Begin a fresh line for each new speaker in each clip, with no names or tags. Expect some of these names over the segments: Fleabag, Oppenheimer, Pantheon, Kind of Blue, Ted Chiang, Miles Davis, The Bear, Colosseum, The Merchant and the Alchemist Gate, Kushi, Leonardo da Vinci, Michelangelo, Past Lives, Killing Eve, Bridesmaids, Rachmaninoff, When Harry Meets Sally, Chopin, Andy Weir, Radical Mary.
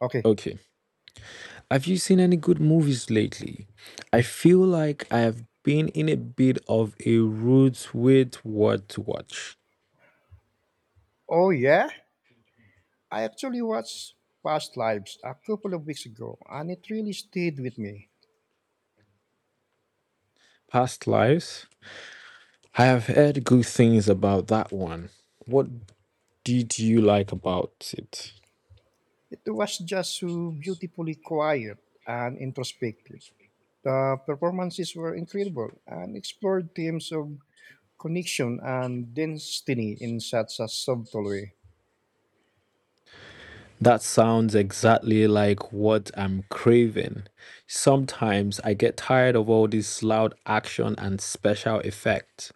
Okay.
Okay. Have you seen any good movies lately? I feel like I have been in a bit of a rut with what to watch.
Oh, yeah? I actually watched Past Lives a couple of weeks ago, and it really stayed with me.
Past Lives? I have heard good things about that one. What did you like about it?
It was just so beautifully quiet and introspective. The performances were incredible and explored themes of connection and destiny in such a subtle way.
That sounds exactly like what I'm craving. Sometimes I get tired of all this loud action and special effects.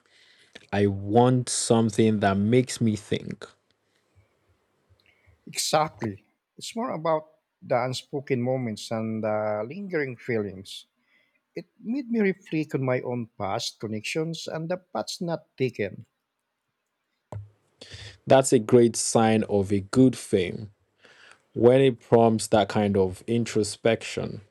I want something that makes me think.
Exactly. It's more about the unspoken moments and the lingering feelings. It made me reflect on my own past connections and the paths not taken.
That's a great sign of a good film when it prompts that kind of introspection.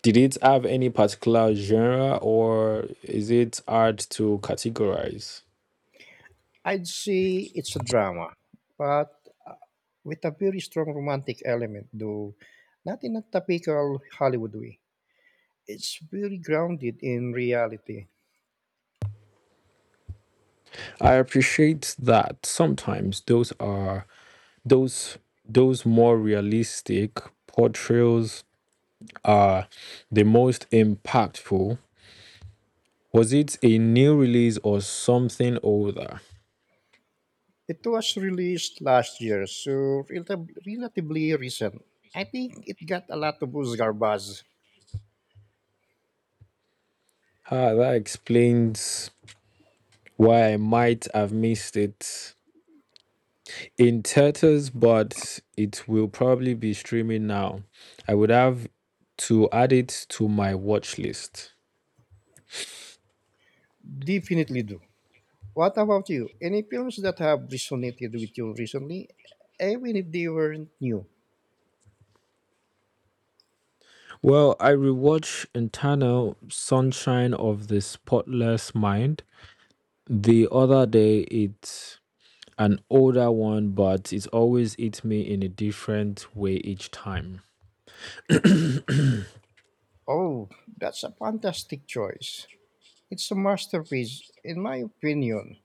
Did it have any particular genre or is it hard to categorize?
I'd say it's a drama, but uh, with a very strong romantic element, though not in a typical Hollywood way. It's very grounded in reality.
I appreciate that sometimes those are those those more realistic portrayals are the most impactful. Was it a new release or something older?
It was released last year, so relatively recent. I think it got a lot of Oscar buzz.
Ah, that explains why I might have missed it in theaters, but it will probably be streaming now. I would have to add it to my watch list.
Definitely do. What about you? Any films that have resonated with you recently, even if they weren't new?
Well, I rewatched Internal Sunshine of the Spotless Mind the other day. It's an older one, but it always hits me in a different way each time.
Oh, that's a fantastic choice. It's a masterpiece, in my opinion.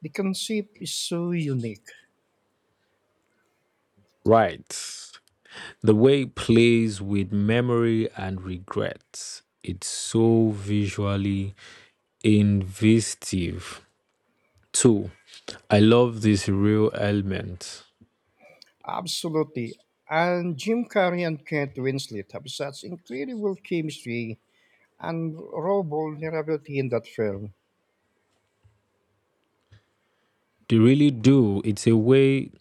The concept is so unique.
Right. The way it plays with memory and regret. It's so visually inventive. Two, I love this real element.
Absolutely. And Jim Carrey and Kate Winslet have such incredible chemistry and raw vulnerability in that film.
They really do. It's a way,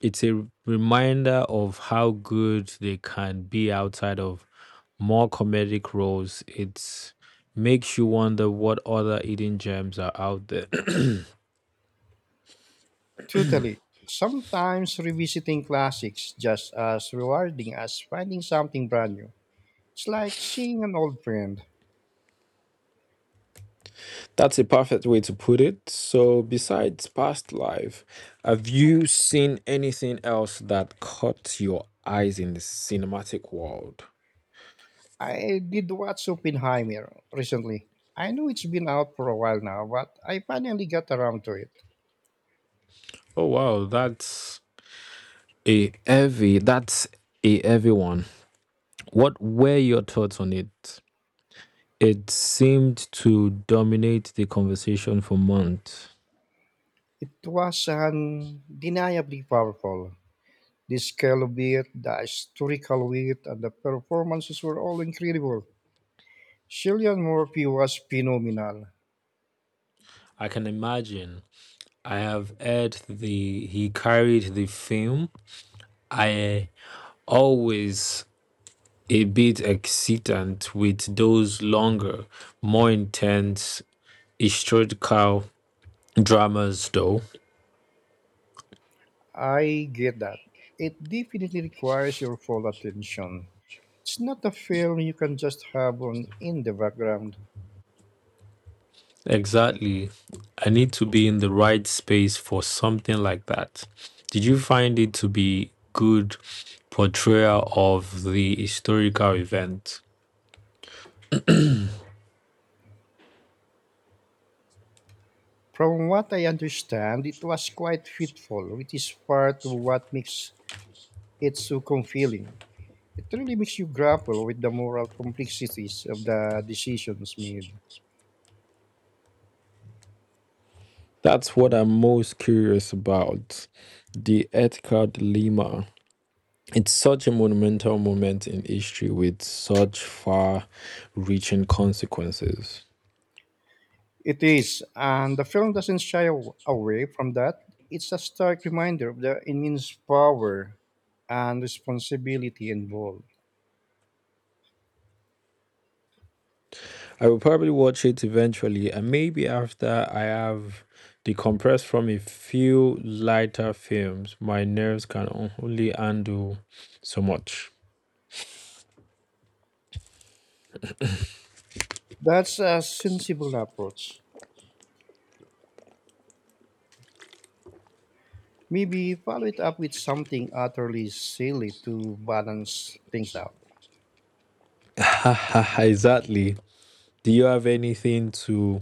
it's a reminder of how good they can be outside of more comedic roles. It makes you wonder what other hidden gems are out there.
Totally. Sometimes revisiting classics just as rewarding as finding something brand new. It's like seeing an old friend.
That's a perfect way to put it. So, besides past life, have you seen anything else that caught your eyes in the cinematic world?
I did watch Oppenheimer recently. I know it's been out for a while now, but I finally got around to it.
Oh, wow, that's a heavy. That's a heavy one. What were your thoughts on it? It seemed to dominate the conversation for months.
It was undeniably powerful. The scale of it, the historical weight, and the performances were all incredible. Cillian Murphy was phenomenal.
I can imagine. I have heard the he carried the film. I always a bit excitant with those longer, more intense historical dramas though.
I get that. It definitely requires your full attention. It's not a film you can just have on in the background.
Exactly. I need to be in the right space for something like that. Did you find it to be good portrayal of the historical event?
From what I understand, it was quite fitful, which is part of what makes it so compelling. It really makes you grapple with the moral complexities of the decisions made.
That's what I'm most curious about, the ethical dilemma. It's such a monumental moment in history with such far reaching consequences.
It is, and the film doesn't shy away from that. It's a stark reminder of the immense power and responsibility involved.
I will probably watch it eventually, and maybe after I have decompressed from a few lighter films. My nerves can only handle so much.
That's a sensible approach. Maybe follow it up with something utterly silly to balance things out.
Exactly. Do you have anything to,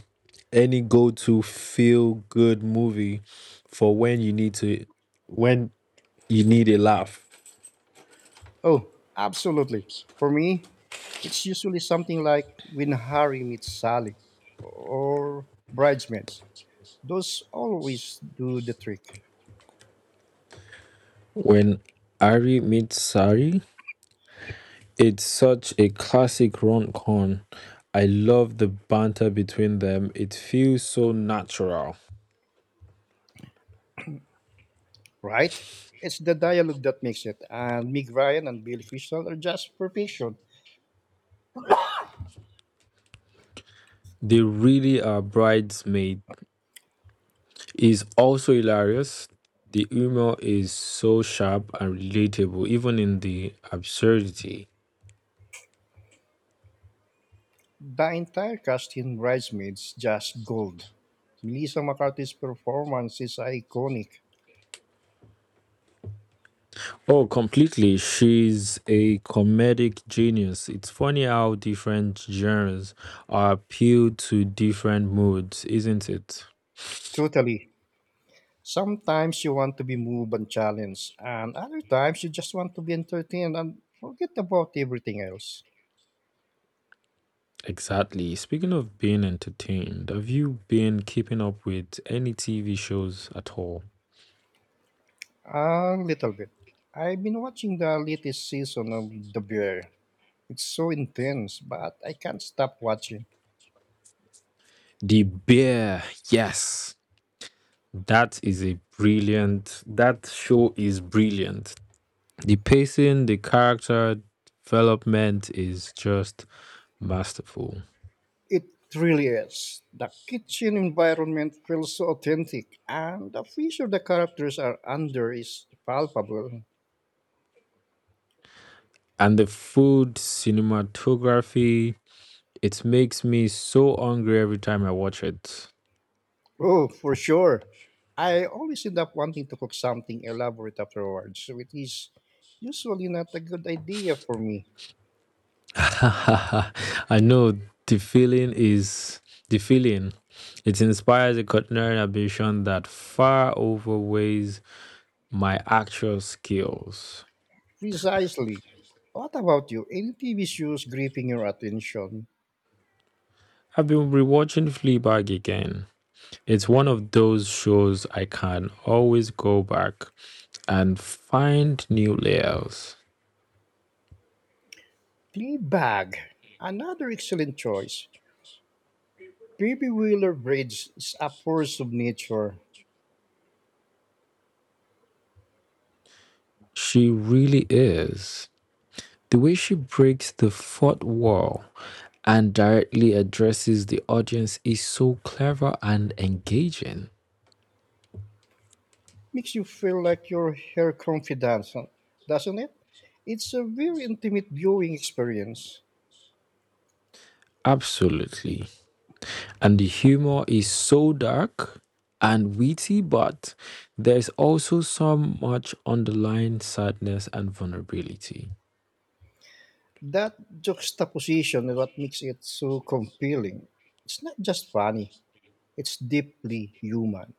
any go to feel good movie for when you need to, when you need a laugh?
Oh, absolutely. For me, it's usually something like When Harry Meets Sally or Bridesmaids. Those always do the trick,
When Ari meets Sari? It's such a classic rom con. I love the banter between them. It feels so natural.
right? It's the dialogue that makes it, and Meg Ryan and Billy Crystal are just perfection.
They really are bridesmaid. Is also hilarious. The humor is so sharp and relatable, even in the absurdity.
The entire cast in Bridesmaids just gold. Melissa McCarthy's performance is iconic.
Oh, completely. She's a comedic genius. It's funny how different genres are appeal to different moods, isn't it?
Totally. Sometimes you want to be moved and challenged, and other times you just want to be entertained and forget about everything else.
Exactly. Speaking of being entertained, have you been keeping up with any TV shows at all?
A little bit. I've been watching the latest season of The Bear. It's so intense, but I can't stop watching.
The Bear, yes. That is a brilliant, that show is brilliant. The pacing, the character development is just masterful.
It really is. The kitchen environment feels so authentic, and the pressure the characters are under is palpable.
And the food, cinematography, it makes me so hungry every time I watch it.
Oh, for sure. I always end up wanting to cook something elaborate afterwards, which is usually not a good idea for me.
I know the feeling is the feeling. It inspires a culinary ambition that far outweighs my actual skills.
Precisely. What about you? Any TV shows gripping your attention?
I've been rewatching Fleabag again. It's one of those shows I can always go back and find new layers.
Fleabag, another excellent choice. Baby Wheeler Bridge is a force of nature.
She really is. The way she breaks the fourth wall and directly addresses the audience is so clever and engaging.
Makes you feel like you're her confidant, doesn't it? It's a very intimate viewing experience.
Absolutely. And the humor is so dark and witty, but there's also so much underlying sadness and vulnerability.
That juxtaposition is what makes it so compelling. It's not just funny, it's deeply human.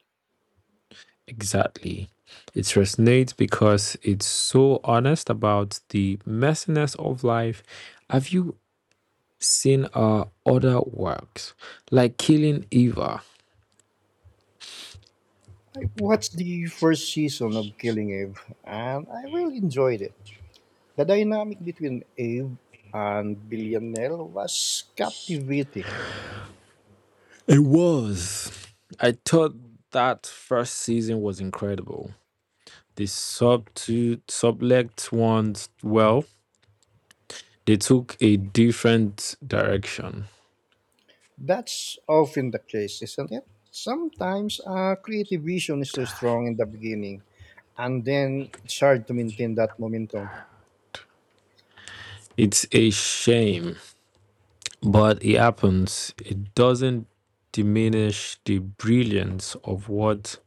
Exactly. It resonates because it's so honest about the messiness of life. Have you seen her other works, like Killing Eva?
I watched the first season of Killing Eve and I really enjoyed it. The dynamic between Eve and Villanelle was captivating.
It was. I thought that first season was incredible. They sub to sublet ones well. They took a different direction.
That's often the case, isn't it? Sometimes a creative vision is so strong in the beginning and then it's hard to maintain that momentum.
It's a shame, but it happens. It doesn't diminish the brilliance of what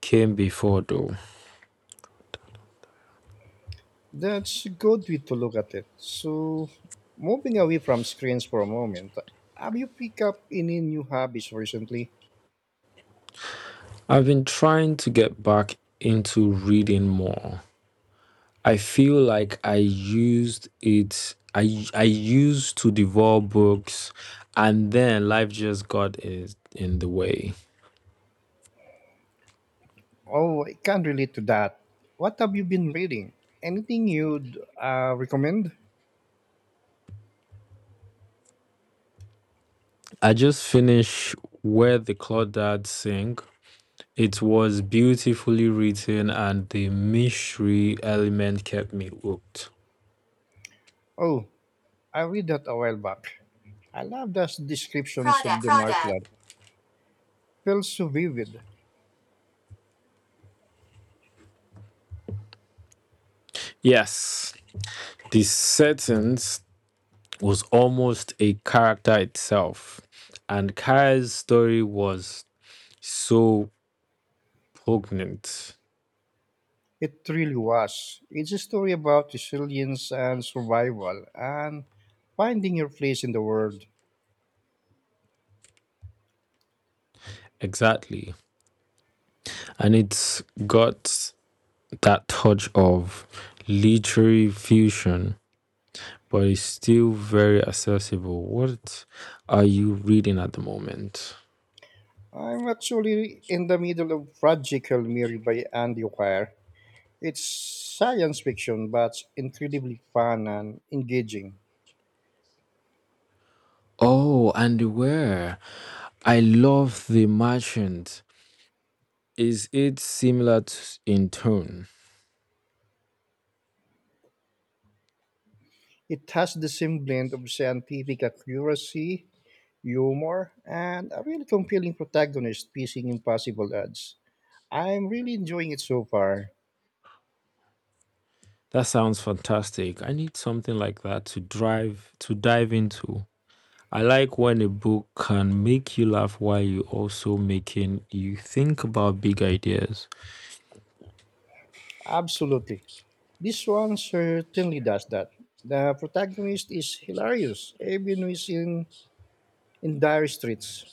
came before, though.
That's a good way to look at it. So, moving away from screens for a moment, have you picked up any new hobbies recently?
I've been trying to get back into reading more. I feel like I used it. I used to devour books, and then life just got is in the way.
Oh, I can't relate to that. What have you been reading? Anything you'd recommend?
I just finished where the Crawdads sing. It was beautifully written, and the mystery element kept me hooked.
Oh, I read that a while back. I love those descriptions
Crawdad,
of the
crawdad.
marshland. Felt so vivid.
Yes, the sentence was almost a character itself, and Kara's story was so poignant.
It really was. It's a story about resilience and survival and finding your place in the world.
Exactly. And it's got that touch of literary fusion, but it's still very accessible. What are you reading at the moment?
I'm actually in the middle of Radical Mary by Andy Weir. It's science fiction, but incredibly fun and engaging.
Oh, and where? I love The Merchant. Is it similar to, in tone?
It has the same blend of scientific accuracy, humor, and a really compelling protagonist facing impossible odds. I'm really enjoying it so far.
That sounds fantastic. I need something like that to drive to dive into. I like when a book can make you laugh while you also making you think about big ideas.
Absolutely. This one certainly does that. The protagonist is hilarious, even when he's in dire straits.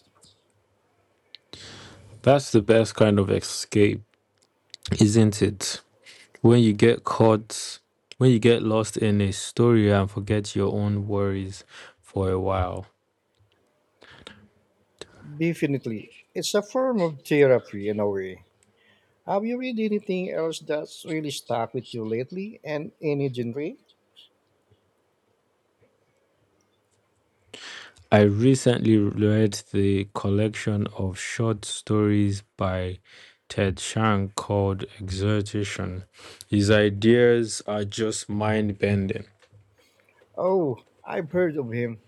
That's the best kind of escape, isn't it? When you get caught, when you get lost in a story and forget your own worries for a while.
Definitely. It's a form of therapy in a way. Have you read anything else that's really stuck with you lately and any genre?
I recently read the collection of short stories by Ted Chiang called Exhortation. His ideas are just mind bending.
Oh, I've heard of him.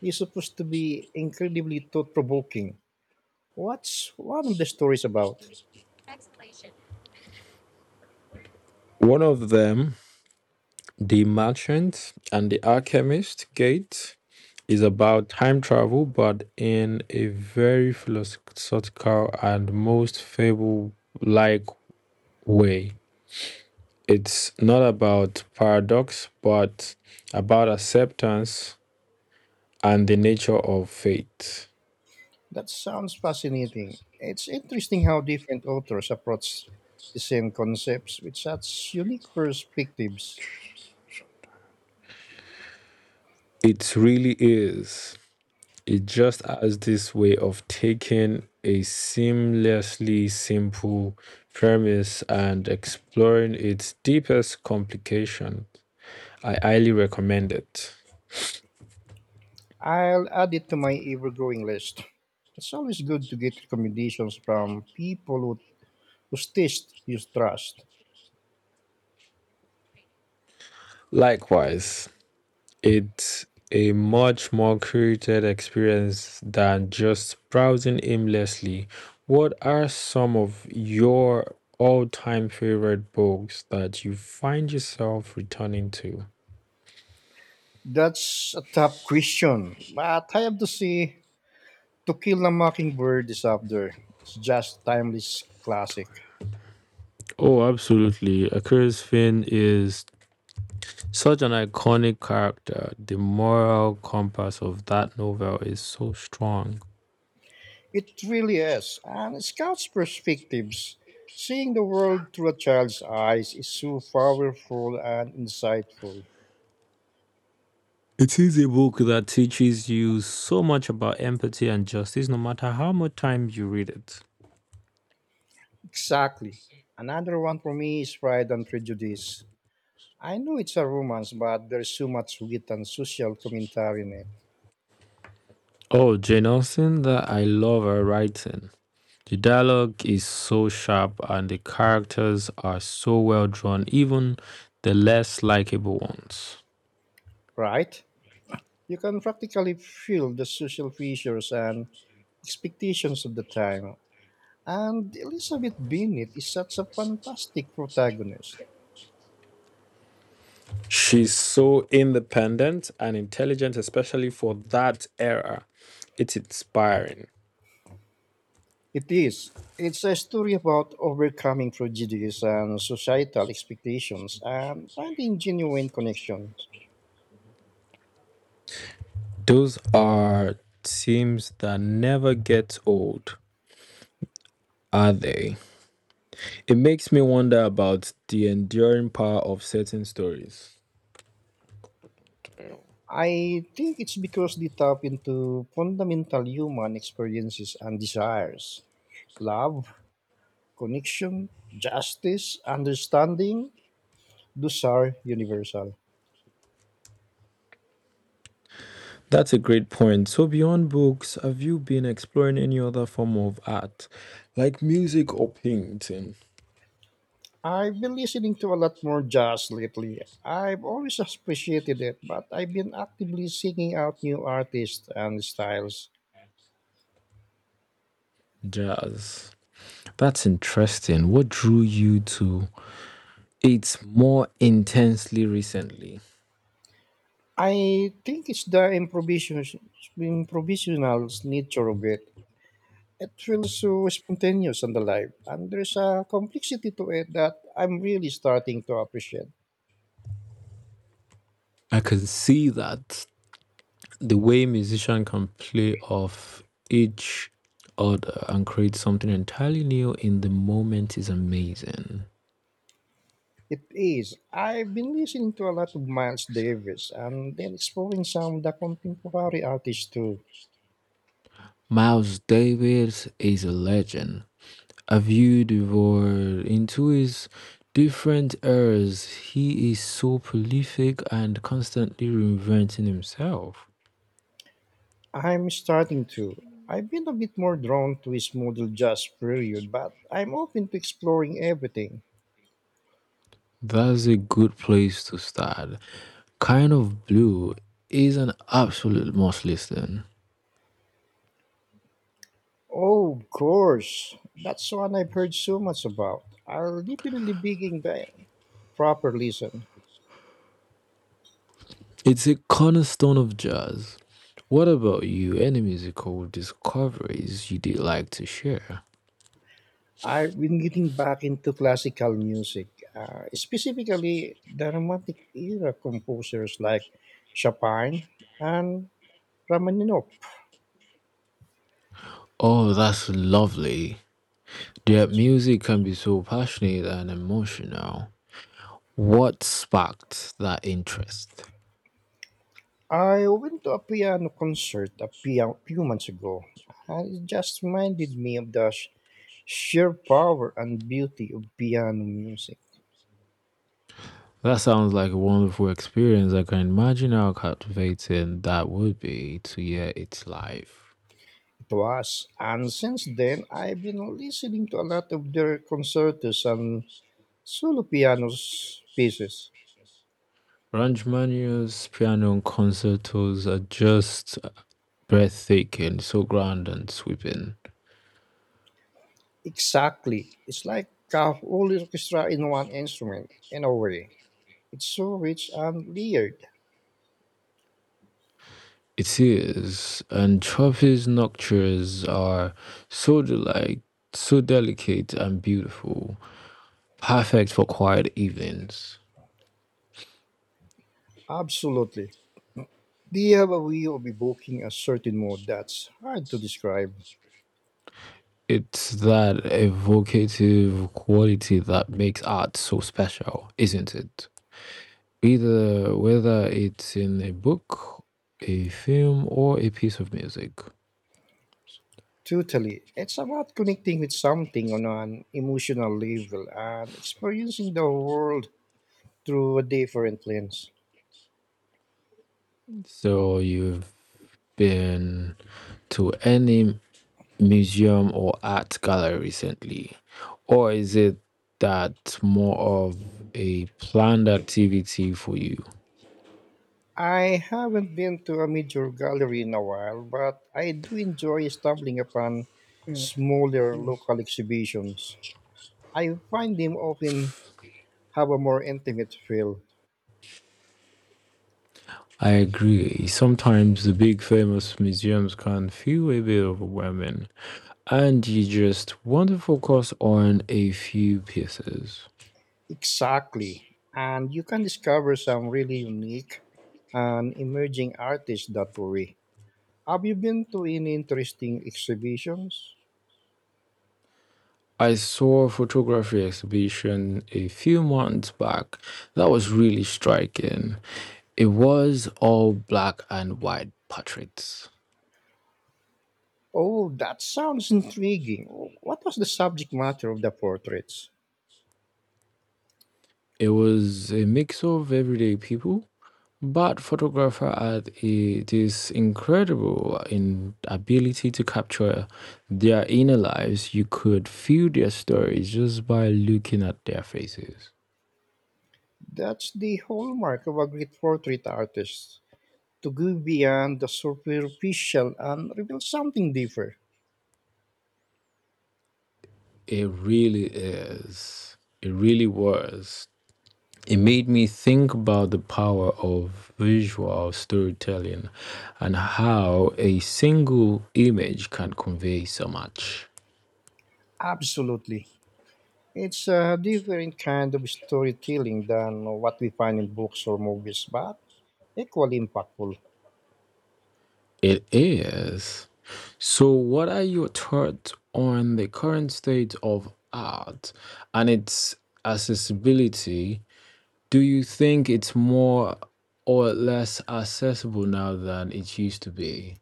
He's supposed to be incredibly thought provoking. What's one of the stories about?
One of them, The Merchant and the Alchemist Gate, is about time travel, but in a very philosophical and most fable like way. It's not about paradox, but about acceptance and the nature of fate.
That sounds fascinating. It's interesting how different authors approach the same concepts with such unique perspectives.
It really is. It just has this way of taking a seamlessly simple premise and exploring its deepest complication. I highly recommend it.
I'll add it to my ever growing list. It's always good to get recommendations from people who prestige you trust?
Likewise, it's a much more curated experience than just browsing aimlessly. What are some of your all time favorite books that you find yourself returning to?
That's a tough question, but I have to say, To Kill a Mockingbird is up there. It's just timeless classic.
Oh, absolutely. A Curious Finn is such an iconic character. The moral compass of that novel is so strong.
It really is, and it scouts perspectives. Seeing the world through a child's eyes is so powerful and insightful.
It is a book that teaches you so much about empathy and justice, no matter how much time you read it.
Exactly. Another one for me is Pride and Prejudice. I know it's a romance, but there's so much wit and social commentary in it,
Oh, Jane Austen, that I love her writing. The dialogue is so sharp and the characters are so well drawn, even the less likable ones.
right? You can practically feel the social pressures and expectations of the time. And Elizabeth Bennet is such a fantastic protagonist.
She's so independent and intelligent, especially for that era. It's inspiring.
It is. It's a story about overcoming prejudice and societal expectations and finding genuine connections.
Those are teams that never get old, are they? It makes me wonder about the enduring power of certain stories.
I think it's because they tap into fundamental human experiences and desires love, connection, justice, understanding. Those are universal.
That's a great point. So, beyond books, have you been exploring any other form of art, like music or painting?
I've been listening to a lot more jazz lately. I've always appreciated it, but I've been actively seeking out new artists and styles.
Jazz. That's interesting. What drew you to it more intensely recently?
I think it's the improvisational nature of it. It feels so spontaneous and alive, and there's a complexity to it that I'm really starting to appreciate.
I can see that. The way musician can play off each other and create something entirely new in the moment is amazing.
It is. I've been listening to a lot of Miles Davis and then exploring some of the contemporary artists too.
Miles Davis is a legend. A view devoured into his different eras, he is so prolific and constantly reinventing himself.
I'm starting to. I've been a bit more drawn to his model jazz period, but I'm open to exploring everything.
That's a good place to start. Kind of Blue is an absolute must listen.
Oh, of course. That's one I've heard so much about. I'll definitely begin the proper listen.
It's a cornerstone of jazz. What about you? Any musical discoveries you did like to share?
I've been getting back into classical music, specifically the Romantic era composers like Chopin and Rachmaninoff.
Oh, that's lovely. Their music can be so passionate and emotional. What sparked that interest?
I went to a piano concert few months ago, and it just reminded me of the sheer power and beauty of piano music.
That sounds like a wonderful experience. I can imagine how captivating that would be to hear it live.
It was, and since then, I've been listening to a lot of their concertos and solo pieces.
Rachmaninoff's piano concertos are just breathtaking, so grand and sweeping.
Exactly, it's like a whole orchestra in one instrument, in a way. It's so rich and layered.
It is, and Trophy's noctures are so delight, so delicate and beautiful, perfect for quiet evenings.
Absolutely. They have a way of evoking a certain mood that's hard to describe.
It's that evocative quality that makes art so special, isn't it? Either whether it's in a book, a film, or a piece of music.
Totally. It's about connecting with something on an emotional level and experiencing the world through a different lens.
So you've been to any museum or art gallery recently? Or is it that more of a planned activity for you?
I haven't been to a major gallery in a while, but I do enjoy stumbling upon smaller local exhibitions. I find them often have a more intimate feel.
I agree. Sometimes the big famous museums can feel a bit overwhelming, and you just want to focus on a few pieces.
Exactly. And you can discover some really unique and emerging artists that way. Have you been to any interesting exhibitions?
I saw a photography exhibition a few months back that was really striking. It was all black and white portraits.
Oh, that sounds intriguing. What was the subject matter of the portraits?
It was a mix of everyday people, but photographer had a, this incredible in ability to capture their inner lives. You could feel their stories just by looking at their faces.
That's the hallmark of a great portrait artist to go beyond the superficial and reveal something different.
It really is. It really was. It made me think about the power of visual storytelling and how a single image can convey so much.
Absolutely. It's a different kind of storytelling than what we find in books or movies, but equally impactful.
It is. So, what are your thoughts on the current state of art and its accessibility? Do you think it's more or less accessible now than it used to be?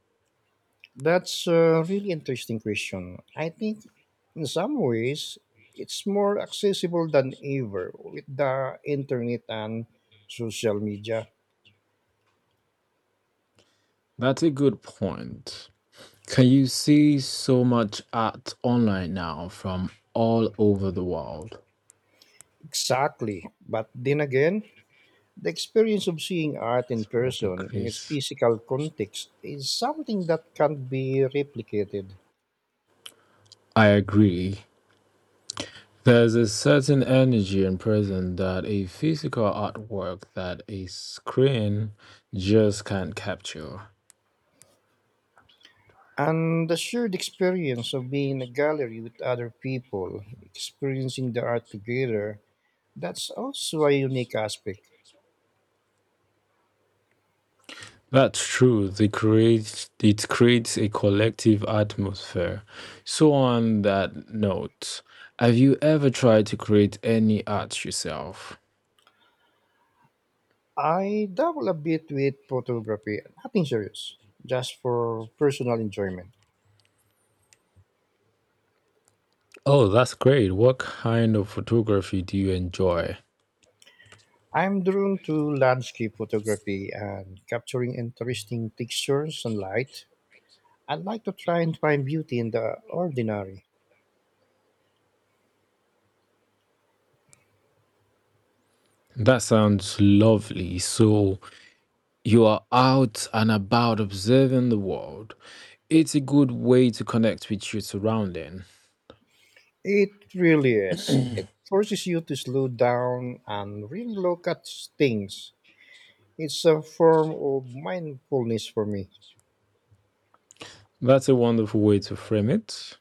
That's a really interesting question. I think in some ways it's more accessible than ever with the internet and social media.
That's a good point. Can you see so much art online now from all over the world?
Exactly. But then again, the experience of seeing art in
That's very big,
person in its
Chris.
physical context is something that can't be replicated.
I agree. There's a certain energy in prison that a physical artwork that a screen just can't capture.
And the shared experience of being in a gallery with other people, experiencing the art together, that's also a unique aspect.
That's true. They create, it creates a collective atmosphere. So, on that note, have you ever tried to create any art yourself?
I dabble a bit with photography, nothing serious, just for personal enjoyment.
Oh, that's great. What kind of photography do you enjoy?
I'm drawn to landscape photography and capturing interesting textures and light. I'd like to try and find beauty in the ordinary.
That sounds lovely. So, you are out and about observing the world. It's a good way to connect with your surrounding.
It really is. It forces you to slow down and really look at things. It's a form of mindfulness for me.
That's a wonderful way to frame it.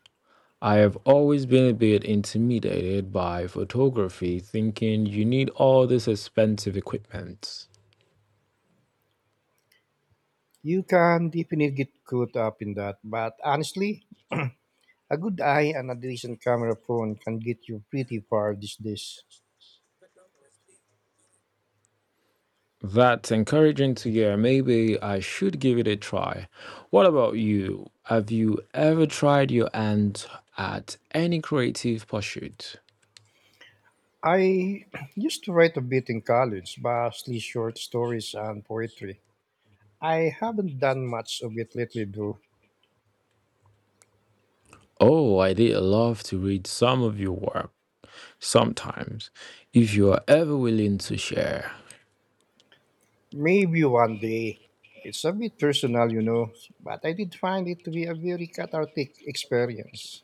I have always been a bit intimidated by photography, thinking you need all this expensive equipment.
You can definitely get caught up in that, but honestly, a good eye and a decent camera phone can get you pretty far these days.
That's encouraging to hear. Maybe I should give it a try. What about you? Have you ever tried your hand at any creative pursuit?
I used to write a bit in college, mostly short stories and poetry. I haven't done much of it lately, though.
Oh, I did love to read some of your work sometimes. If you are ever willing to share,
Maybe one day. It's a bit personal, you know, but I did find it to be a very cathartic experience.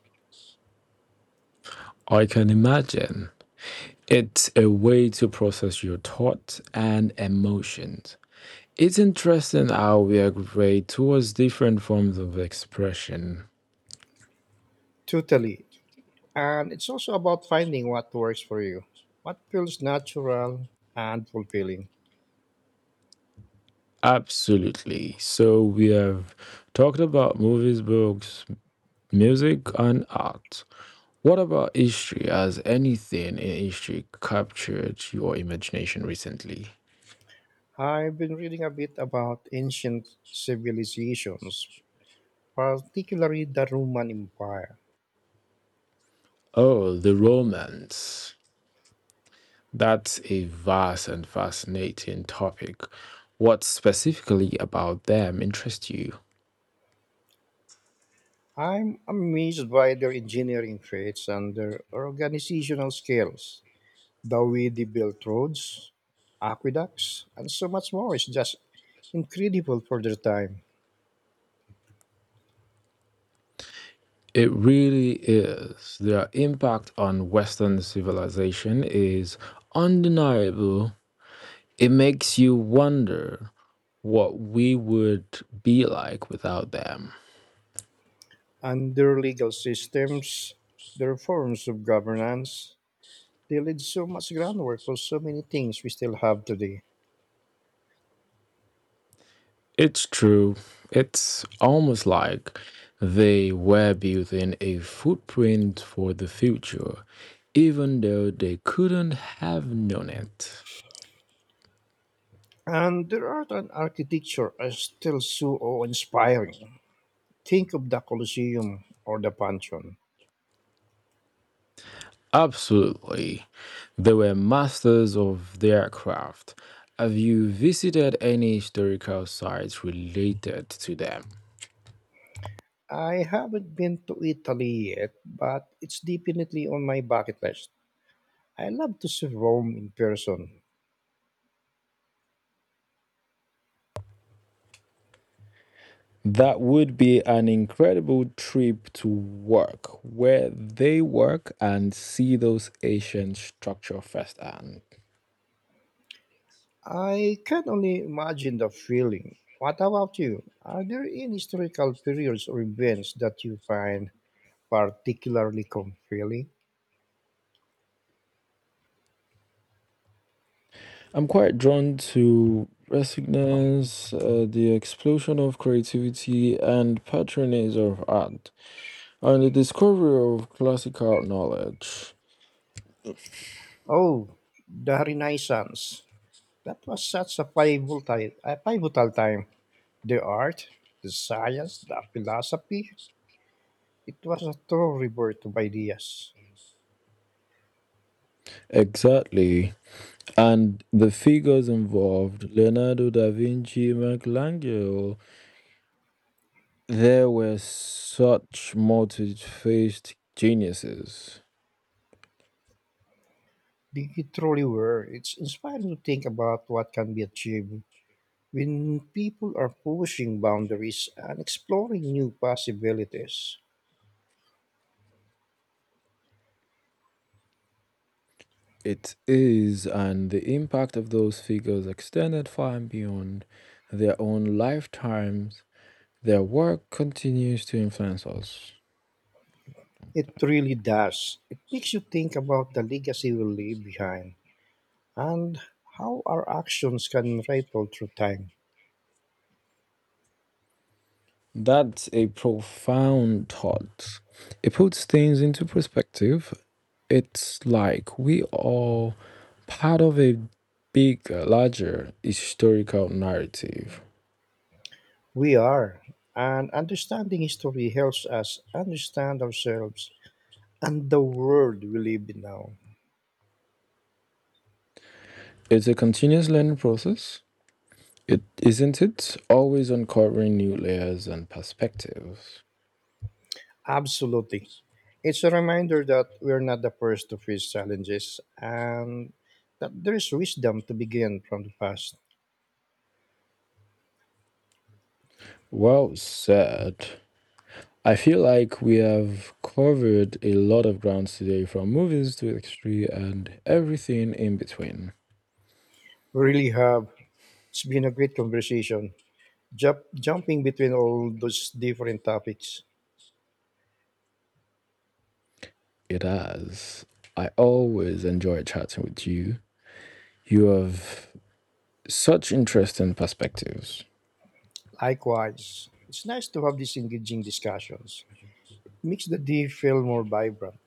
I can imagine it's a way to process your thoughts and emotions. It's interesting how we gravitate towards different forms of expression.
Totally. And it's also about finding what works for you, what feels natural and fulfilling.
Absolutely. So we have talked about movies, books, music, and art. What about history? Has anything in history captured your imagination recently?
I've been reading a bit about ancient civilizations, particularly the Roman Empire.
Oh, the Romans. That's a vast and fascinating topic. What specifically about them interests you?
I'm amazed by their engineering feats and their organizational skills. The way they built roads, aqueducts, and so much more is just incredible for their time.
It really is. Their impact on Western civilization is undeniable. It makes you wonder what we would be like without them.
And their legal systems, their forms of governance, they laid so much groundwork for so many things we still have today.
It's true. It's almost like they were building a footprint for the future, even though they couldn't have known it.
And their art and architecture are still so awe-inspiring. Think of the Colosseum or the Pantheon.
Absolutely. They were masters of their craft. Have you visited any historical sites related to them?
I haven't been to Italy yet, but it's definitely on my bucket list. I love to see Rome in person.
That would be an incredible trip to work where they work and see those ancient structures firsthand.
I can only imagine the feeling. What about you? Are there any historical periods or events that you find particularly compelling?
I'm quite drawn to resonance, the explosion of creativity, and patronage of art, and the discovery of classical knowledge.
Oh, the Renaissance. That was such a pivotal time. The art, the science, the philosophy. It was a true rebirth of ideas.
Exactly. And the figures involved Leonardo da Vinci, Michelangelo, there were such multi faced geniuses.
They truly were. It's inspiring to think about what can be achieved when people are pushing boundaries and exploring new possibilities.
It is, and the impact of those figures extended far and beyond their own lifetimes. Their work continues to influence us.
It really does. It makes you think about the legacy we leave behind and how our actions can ripple through time.
That's a profound thought. It puts things into perspective. It's like we are part of a bigger, larger historical narrative.
We are, and understanding history helps us understand ourselves and the world we live in now.
It's a continuous learning process. It isn't it always uncovering new layers and perspectives.
Absolutely. It's a reminder that we're not the first to face challenges and that there is wisdom to begin from the past.
Well said. I feel like we have covered a lot of grounds today, from movies to history and everything in between.
We really have. It's been a great conversation, jumping between all those different topics.
It has. I always enjoy chatting with you. You have such interesting perspectives.
Likewise, it's nice to have these engaging discussions. Makes the day feel more vibrant.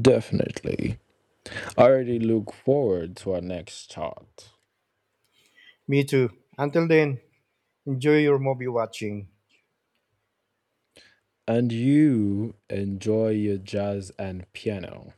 Definitely. I already look forward to our next chat.
Me too. Until then, enjoy your movie watching.
And you enjoy your jazz and piano.